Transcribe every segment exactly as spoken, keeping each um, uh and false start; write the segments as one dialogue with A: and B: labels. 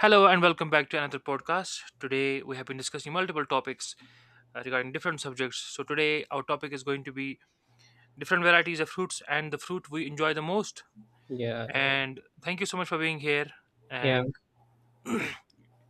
A: Hello and welcome back to another podcast. Today we have been discussing multiple topics uh, regarding different subjects. So today our topic is going to be different varieties of fruits and the fruit we enjoy the most.
B: Yeah, right.
A: And thank you so much for being here.
B: Yeah.
A: And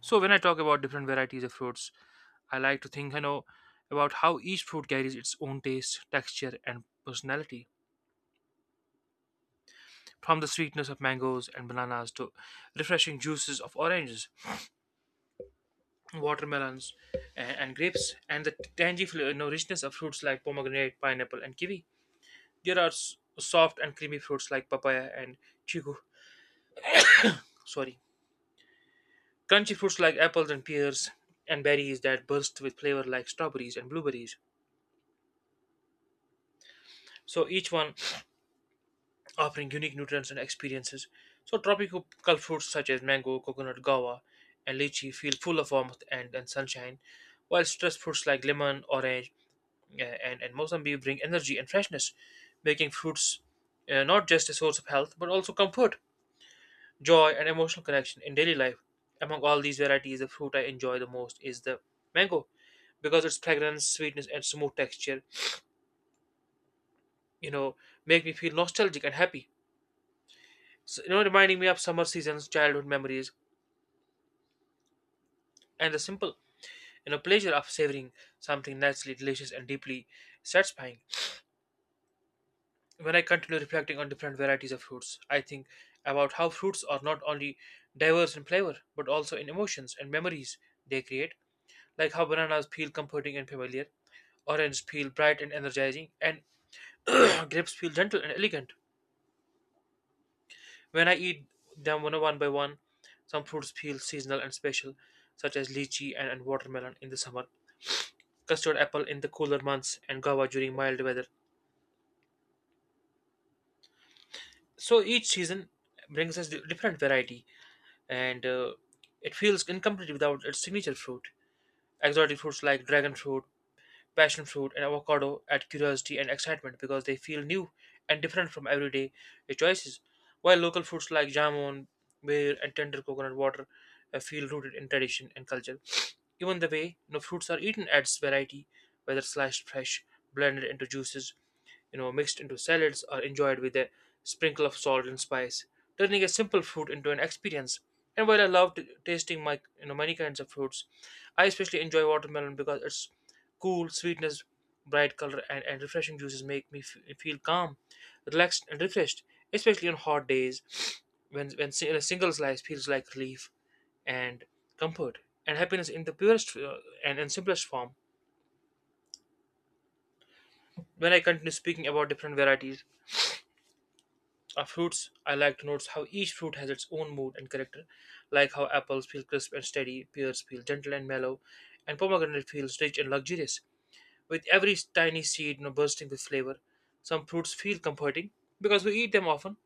A: so when I talk about different varieties of fruits, I like to think I know about how each fruit carries its own taste, texture and personality. From the sweetness of mangoes and bananas to refreshing juices of oranges, watermelons, and, and grapes, and the tangy fl- you know, richness of fruits like pomegranate, pineapple, and kiwi. There are s- soft and creamy fruits like papaya and chiku. Sorry, crunchy fruits like apples and pears, and berries that burst with flavor like strawberries and blueberries. So each one offering unique nutrients and experiences. So tropical fruits such as mango, coconut, guava, and lychee feel full of warmth and, and sunshine, while stress fruits like lemon, orange, yeah, and, and Mozambique bring energy and freshness, making fruits uh, not just a source of health but also comfort, joy, and emotional connection in daily life. Among all these varieties, the fruit I enjoy the most is the mango because its fragrance, sweetness, and smooth texture, you know, make me feel nostalgic and happy. So, you know, reminding me of summer seasons, childhood memories, and the simple, you know, pleasure of savoring something naturally delicious and deeply satisfying. When I continue reflecting on different varieties of fruits, I think about how fruits are not only diverse in flavor, but also in emotions and memories they create, like how bananas feel comforting and familiar, oranges feel bright and energizing, and grapes feel gentle and elegant. When I eat them one one by one, some fruits feel seasonal and special, such as lychee and, and watermelon in the summer, custard apple in the cooler months, and guava during mild weather. So each season brings us di- different variety and uh, it feels incomplete without its signature fruit. Exotic fruits like dragon fruit, passion fruit, and avocado add curiosity and excitement because they feel new and different from everyday choices, while local fruits like jamon, beer, and tender coconut water uh, feel rooted in tradition and culture. Even the way you know, fruits are eaten adds variety, whether sliced fresh, blended into juices, you know, mixed into salads or enjoyed with a sprinkle of salt and spice, turning a simple fruit into an experience. And while I love t- tasting my, you know, many kinds of fruits, I especially enjoy watermelon because its cool sweetness, bright color, and, and refreshing juices make me f- feel calm, relaxed, and refreshed, especially on hot days when, when si- a single slice feels like relief and comfort and happiness in the purest uh, and, and simplest form. When I continue speaking about different varieties of fruits, I like to notice how each fruit has its own mood and character, like how apples feel crisp and steady, pears feel gentle and mellow, and pomegranate feels rich and luxurious, with every tiny seed you know, bursting with flavor. Some fruits feel comforting because we eat them often,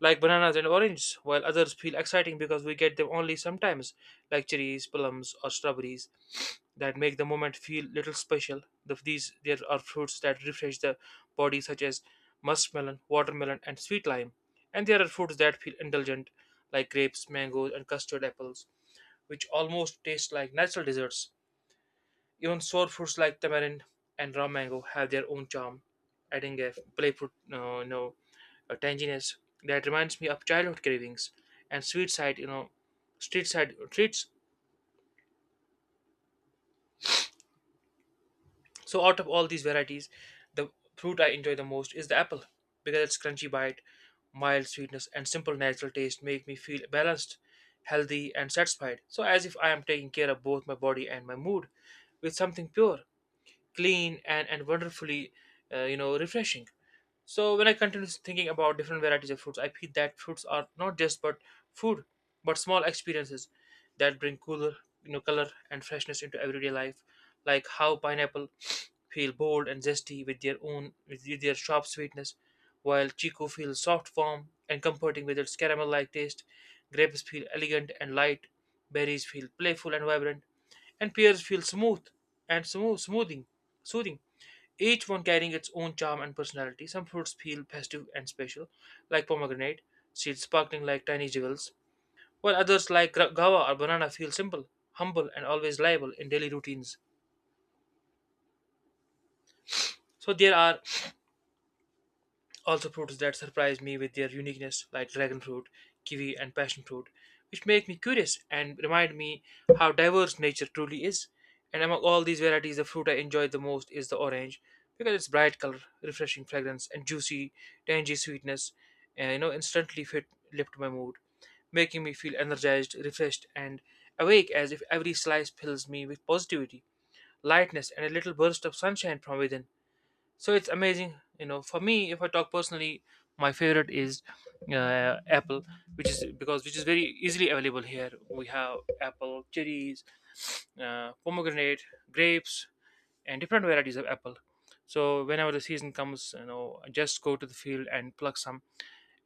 A: like bananas and oranges, while others feel exciting because we get them only sometimes, like cherries, plums, or strawberries, that make the moment feel little special. The, these there are fruits that refresh the body, such as muskmelon, watermelon, and sweet lime, and there are fruits that feel indulgent, like grapes, mangoes, and custard apples, which almost taste like natural desserts. Even sour fruits like tamarind and raw mango have their own charm, adding a playful, uh, you know, a tanginess that reminds me of childhood cravings and sweet side, you know, street side treats. So out of all these varieties, the fruit I enjoy the most is the apple because its crunchy bite, mild sweetness, and simple natural taste make me feel balanced, healthy, and satisfied. So as if I am taking care of both my body and my mood with something pure, clean, and and wonderfully, uh, you know, refreshing. So when I continue thinking about different varieties of fruits, I feel that fruits are not just but food, but small experiences that bring cooler, you know, color and freshness into everyday life, like how pineapple feel bold and zesty with their own with their sharp sweetness, while chico feels soft, warm, and comforting with its caramel-like taste. Grapes feel elegant and light. Berries feel playful and vibrant, and pears feel smooth and smooth, smoothing, soothing, each one carrying its own charm and personality. Some fruits feel festive and special, like pomegranate, seeds sparkling like tiny jewels, while others, like gra- guava or banana, feel simple, humble, and always liable in daily routines. So there are also fruits that surprise me with their uniqueness, like dragon fruit, kiwi, and passion fruit, which make me curious and remind me how diverse nature truly is. And among all these varieties, the fruit I enjoy the most is the orange because its bright color, refreshing fragrance, and juicy, tangy sweetness, uh, you know, instantly fit lift my mood, making me feel energized, refreshed, and awake as if every slice fills me with positivity, lightness, and a little burst of sunshine from within. So it's amazing, you know for me, if I talk personally, my favorite is uh, apple, which is because which is very easily available. Here we have apple, cherries, uh, pomegranate, grapes, and different varieties of apple. So whenever the season comes, you know I just go to the field and pluck some,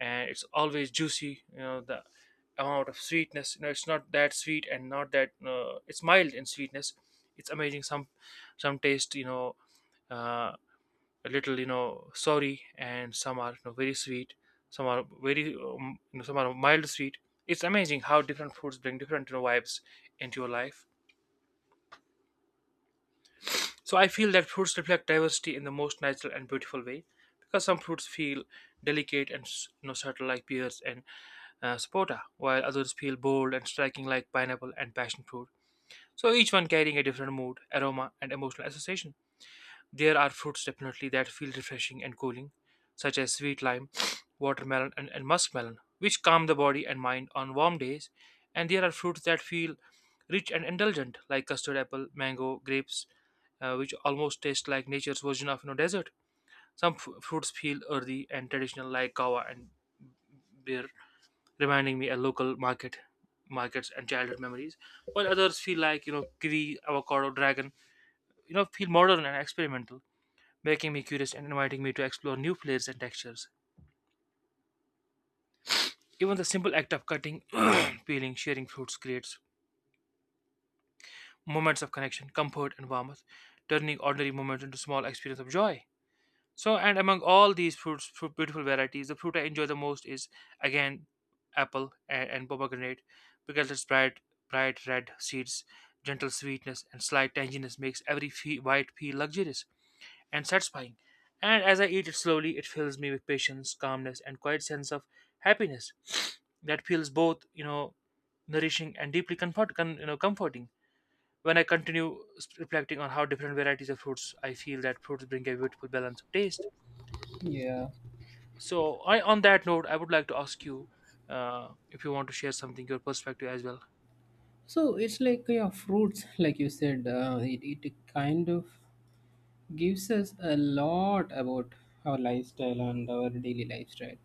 A: and it's always juicy. You know the amount of sweetness you know it's not that sweet and not that uh, it's mild in sweetness. It's amazing. Some some taste, you know uh, a little, you know sorry, and some are, you know, very sweet. Some are very um, you know, some are mild sweet. It's amazing how different foods bring different, you know, vibes into your life. So I feel that fruits reflect diversity in the most natural and beautiful way because some fruits feel delicate and s- you know subtle, like pears and uh, sapota, while others feel bold and striking, like pineapple and passion fruit. So each one carrying a different mood, aroma, and emotional association. There are fruits definitely that feel refreshing and cooling, such as sweet lime, watermelon, and, and muskmelon, which calm the body and mind on warm days. And there are fruits that feel rich and indulgent, like custard apple, mango, grapes, uh, which almost taste like nature's version of, you know, desert. Some f- fruits feel earthy and traditional, like kawa and beer, reminding me of local market markets and childhood memories, while others feel like, you know, kiwi, avocado, dragon, you know, feel modern and experimental, making me curious and inviting me to explore new flavors and textures. Even the simple act of cutting, peeling, sharing fruits creates moments of connection, comfort, and warmth, turning ordinary moments into small experience of joy. So, and among all these fruits, fruit, beautiful varieties, the fruit I enjoy the most is again apple and, and pomegranate because its bright, bright red seeds, gentle sweetness, and slight tanginess makes every fe- bite feel luxurious and satisfying. And as I eat it slowly, it fills me with patience, calmness, and quiet sense of happiness that feels both, you know, nourishing and deeply comfort, con, you know, comforting. When I continue s- reflecting on how different varieties of fruits, I feel that fruits bring a beautiful balance of taste.
B: Yeah.
A: So, I, on that note, I would like to ask you uh, if you want to share something, your perspective as well.
B: So it's like yeah, fruits, like you said, uh, it it kind of gives us a lot about our lifestyle and our daily lifestyle,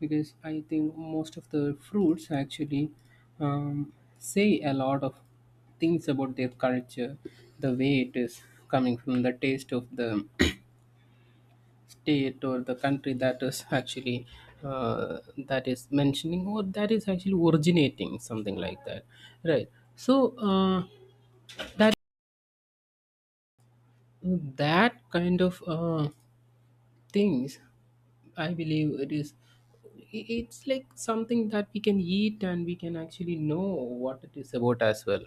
B: because I think most of the fruits actually um, say a lot of things about their culture, the way it is coming from the taste of the state or the country that is actually uh, that is mentioning or that is actually originating something like that, right. So uh, that that kind of uh, things, I believe it is i- it's like something that we can eat and we can actually know what it is about as well.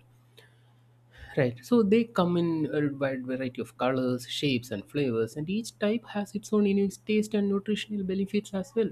B: Right. So they come in a wide variety of colors, shapes, and flavors, and each type has its own unique taste and nutritional benefits as well.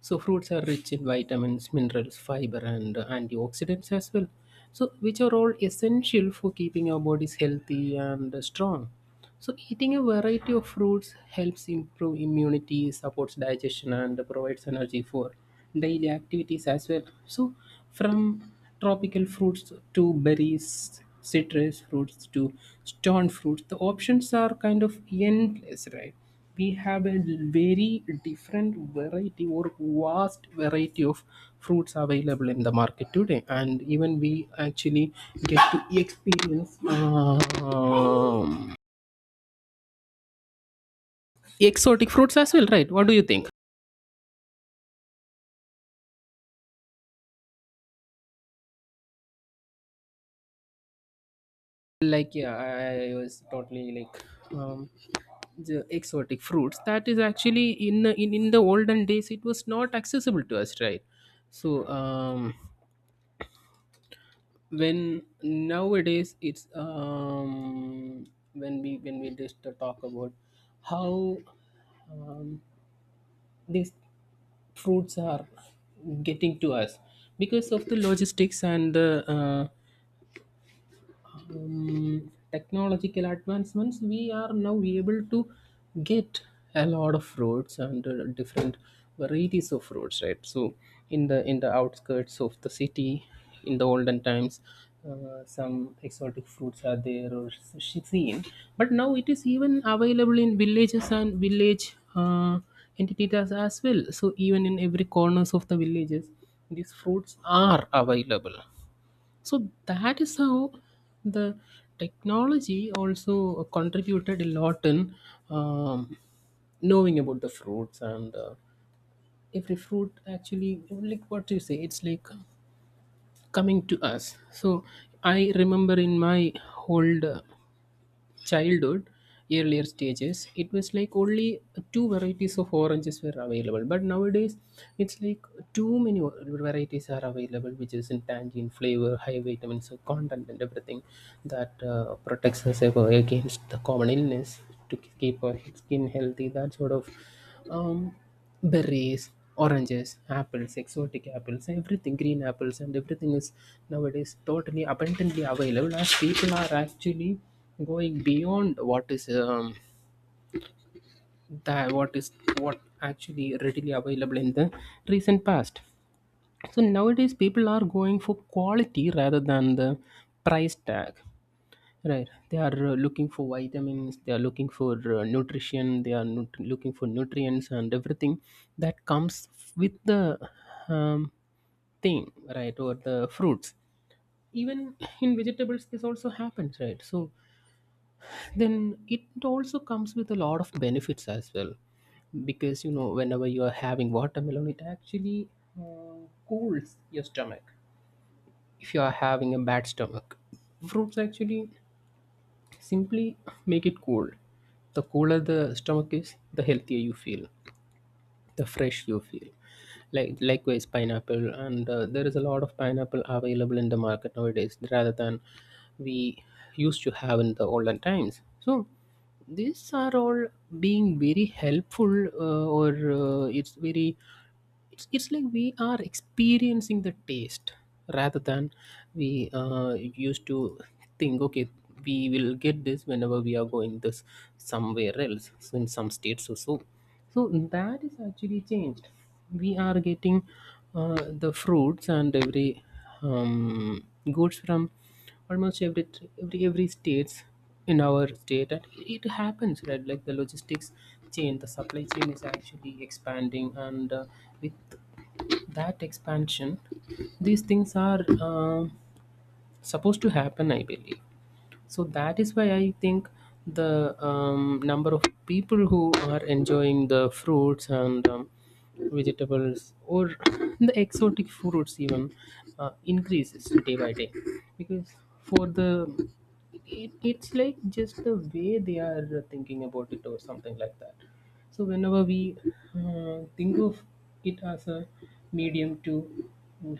B: So fruits are rich in vitamins, minerals, fiber, and uh, antioxidants as well. So which are all essential for keeping our bodies healthy and uh, strong. So eating a variety of fruits helps improve immunity, supports digestion, and provides energy for daily activities as well. So from tropical fruits to berries, citrus fruits to stone fruits. The options are kind of endless, right? We have a very different variety or vast variety of fruits available in the market today, and even we actually get to experience um, exotic fruits as well, right? What do you think? Like yeah, i, I was totally like um the exotic fruits that is actually in, the- in in the olden days it was not accessible to us, right? So um when nowadays it's um when we when we just talk about how um, these fruits are getting to us because of the logistics and the uh, um, technological advancements, we are now able to get a lot of fruits and uh, different varieties of fruits, right? So, in the in the outskirts of the city, in the olden times, uh, some exotic fruits are there or s- seen, but now it is even available in villages and village uh, entities as well. So, even in every corners of the villages, these fruits are available, so that is how the technology also contributed a lot in um, knowing about the fruits, and uh, every fruit actually, like what you say, it's like coming to us. So I remember in my old uh, childhood earlier stages it was like only two varieties of oranges were available, but nowadays it's like too many o- varieties are available, which is in tangerine flavor, high vitamins so content and everything that uh, protects us ever against the common illness, to k- keep our skin healthy, that sort of um, berries, oranges, apples, exotic apples, everything, green apples, and everything is nowadays totally abundantly available, as people are actually going beyond what is um, that what is what actually readily available in the recent past. So nowadays people are going for quality rather than the price tag. Right. They are uh, looking for vitamins, they are looking for uh, nutrition, they are nut- looking for nutrients and everything that comes with the um, thing, right, or the fruits. Even in vegetables, this also happens, right? So then it also comes with a lot of benefits as well. Because, you know, whenever you are having watermelon, it actually uh, cools your stomach if you are having a bad stomach. Fruits actually simply make it cold. The colder the stomach is, the healthier you feel, the fresh you feel. Like likewise, pineapple, and uh, there is a lot of pineapple available in the market nowadays, rather than we used to have in the olden times. So these are all being very helpful, uh, or uh, it's very, it's it's like we are experiencing the taste rather than we uh, used to think okay we will get this whenever we are going this somewhere else, so in some states or so. So that is actually changed, we are getting uh, the fruits and every um, goods from almost every every every states in our state, and it happens, right? Like the logistics chain, the supply chain is actually expanding, and uh, with that expansion these things are uh, supposed to happen, I believe. So that is why I think the um, number of people who are enjoying the fruits and um, vegetables or the exotic fruits even uh, increases day by day, because for the it, it's like just the way they are thinking about it or something like that. So whenever we uh, think of it as a medium to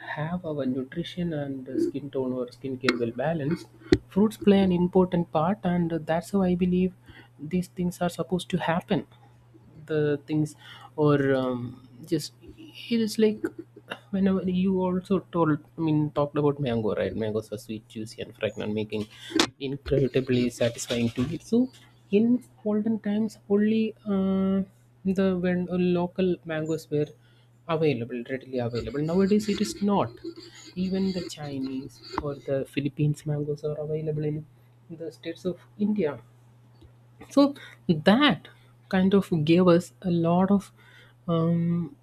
B: have our nutrition and uh, skin tone or skin care well balanced, fruits play an important part, and that's how I believe these things are supposed to happen, the things or um, just it is like whenever you also told, I mean, talked about mango, right? Mangoes are sweet, juicy, and fragrant, making incredibly satisfying to eat. So in olden times only, uh, the when uh, local mangoes were available, readily available, nowadays it is not, even the Chinese or the Philippines mangoes are available in the states of India. So that kind of gave us a lot of um,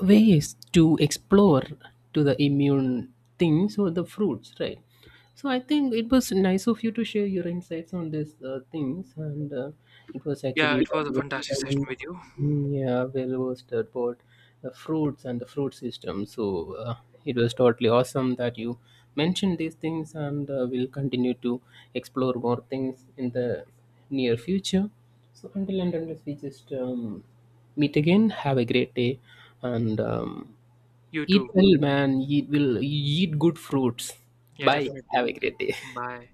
B: ways to explore to the immune things or the fruits, right? So I think it was nice of you to share your insights on these uh, things, and uh, it was
A: Yeah,
B: actually,
A: it was a fantastic session with you.
B: yeah, well roasted about the fruits and the fruit system. So uh, it was totally awesome that you mentioned these things, and uh, we'll continue to explore more things in the near future. So until and unless we just um, meet again. Have a great day, and um,
A: You
B: eat
A: too.
B: well, man. Eat will eat good fruits.
A: Yeah,
B: Bye. Have
A: definitely.
B: a great day.
A: Bye.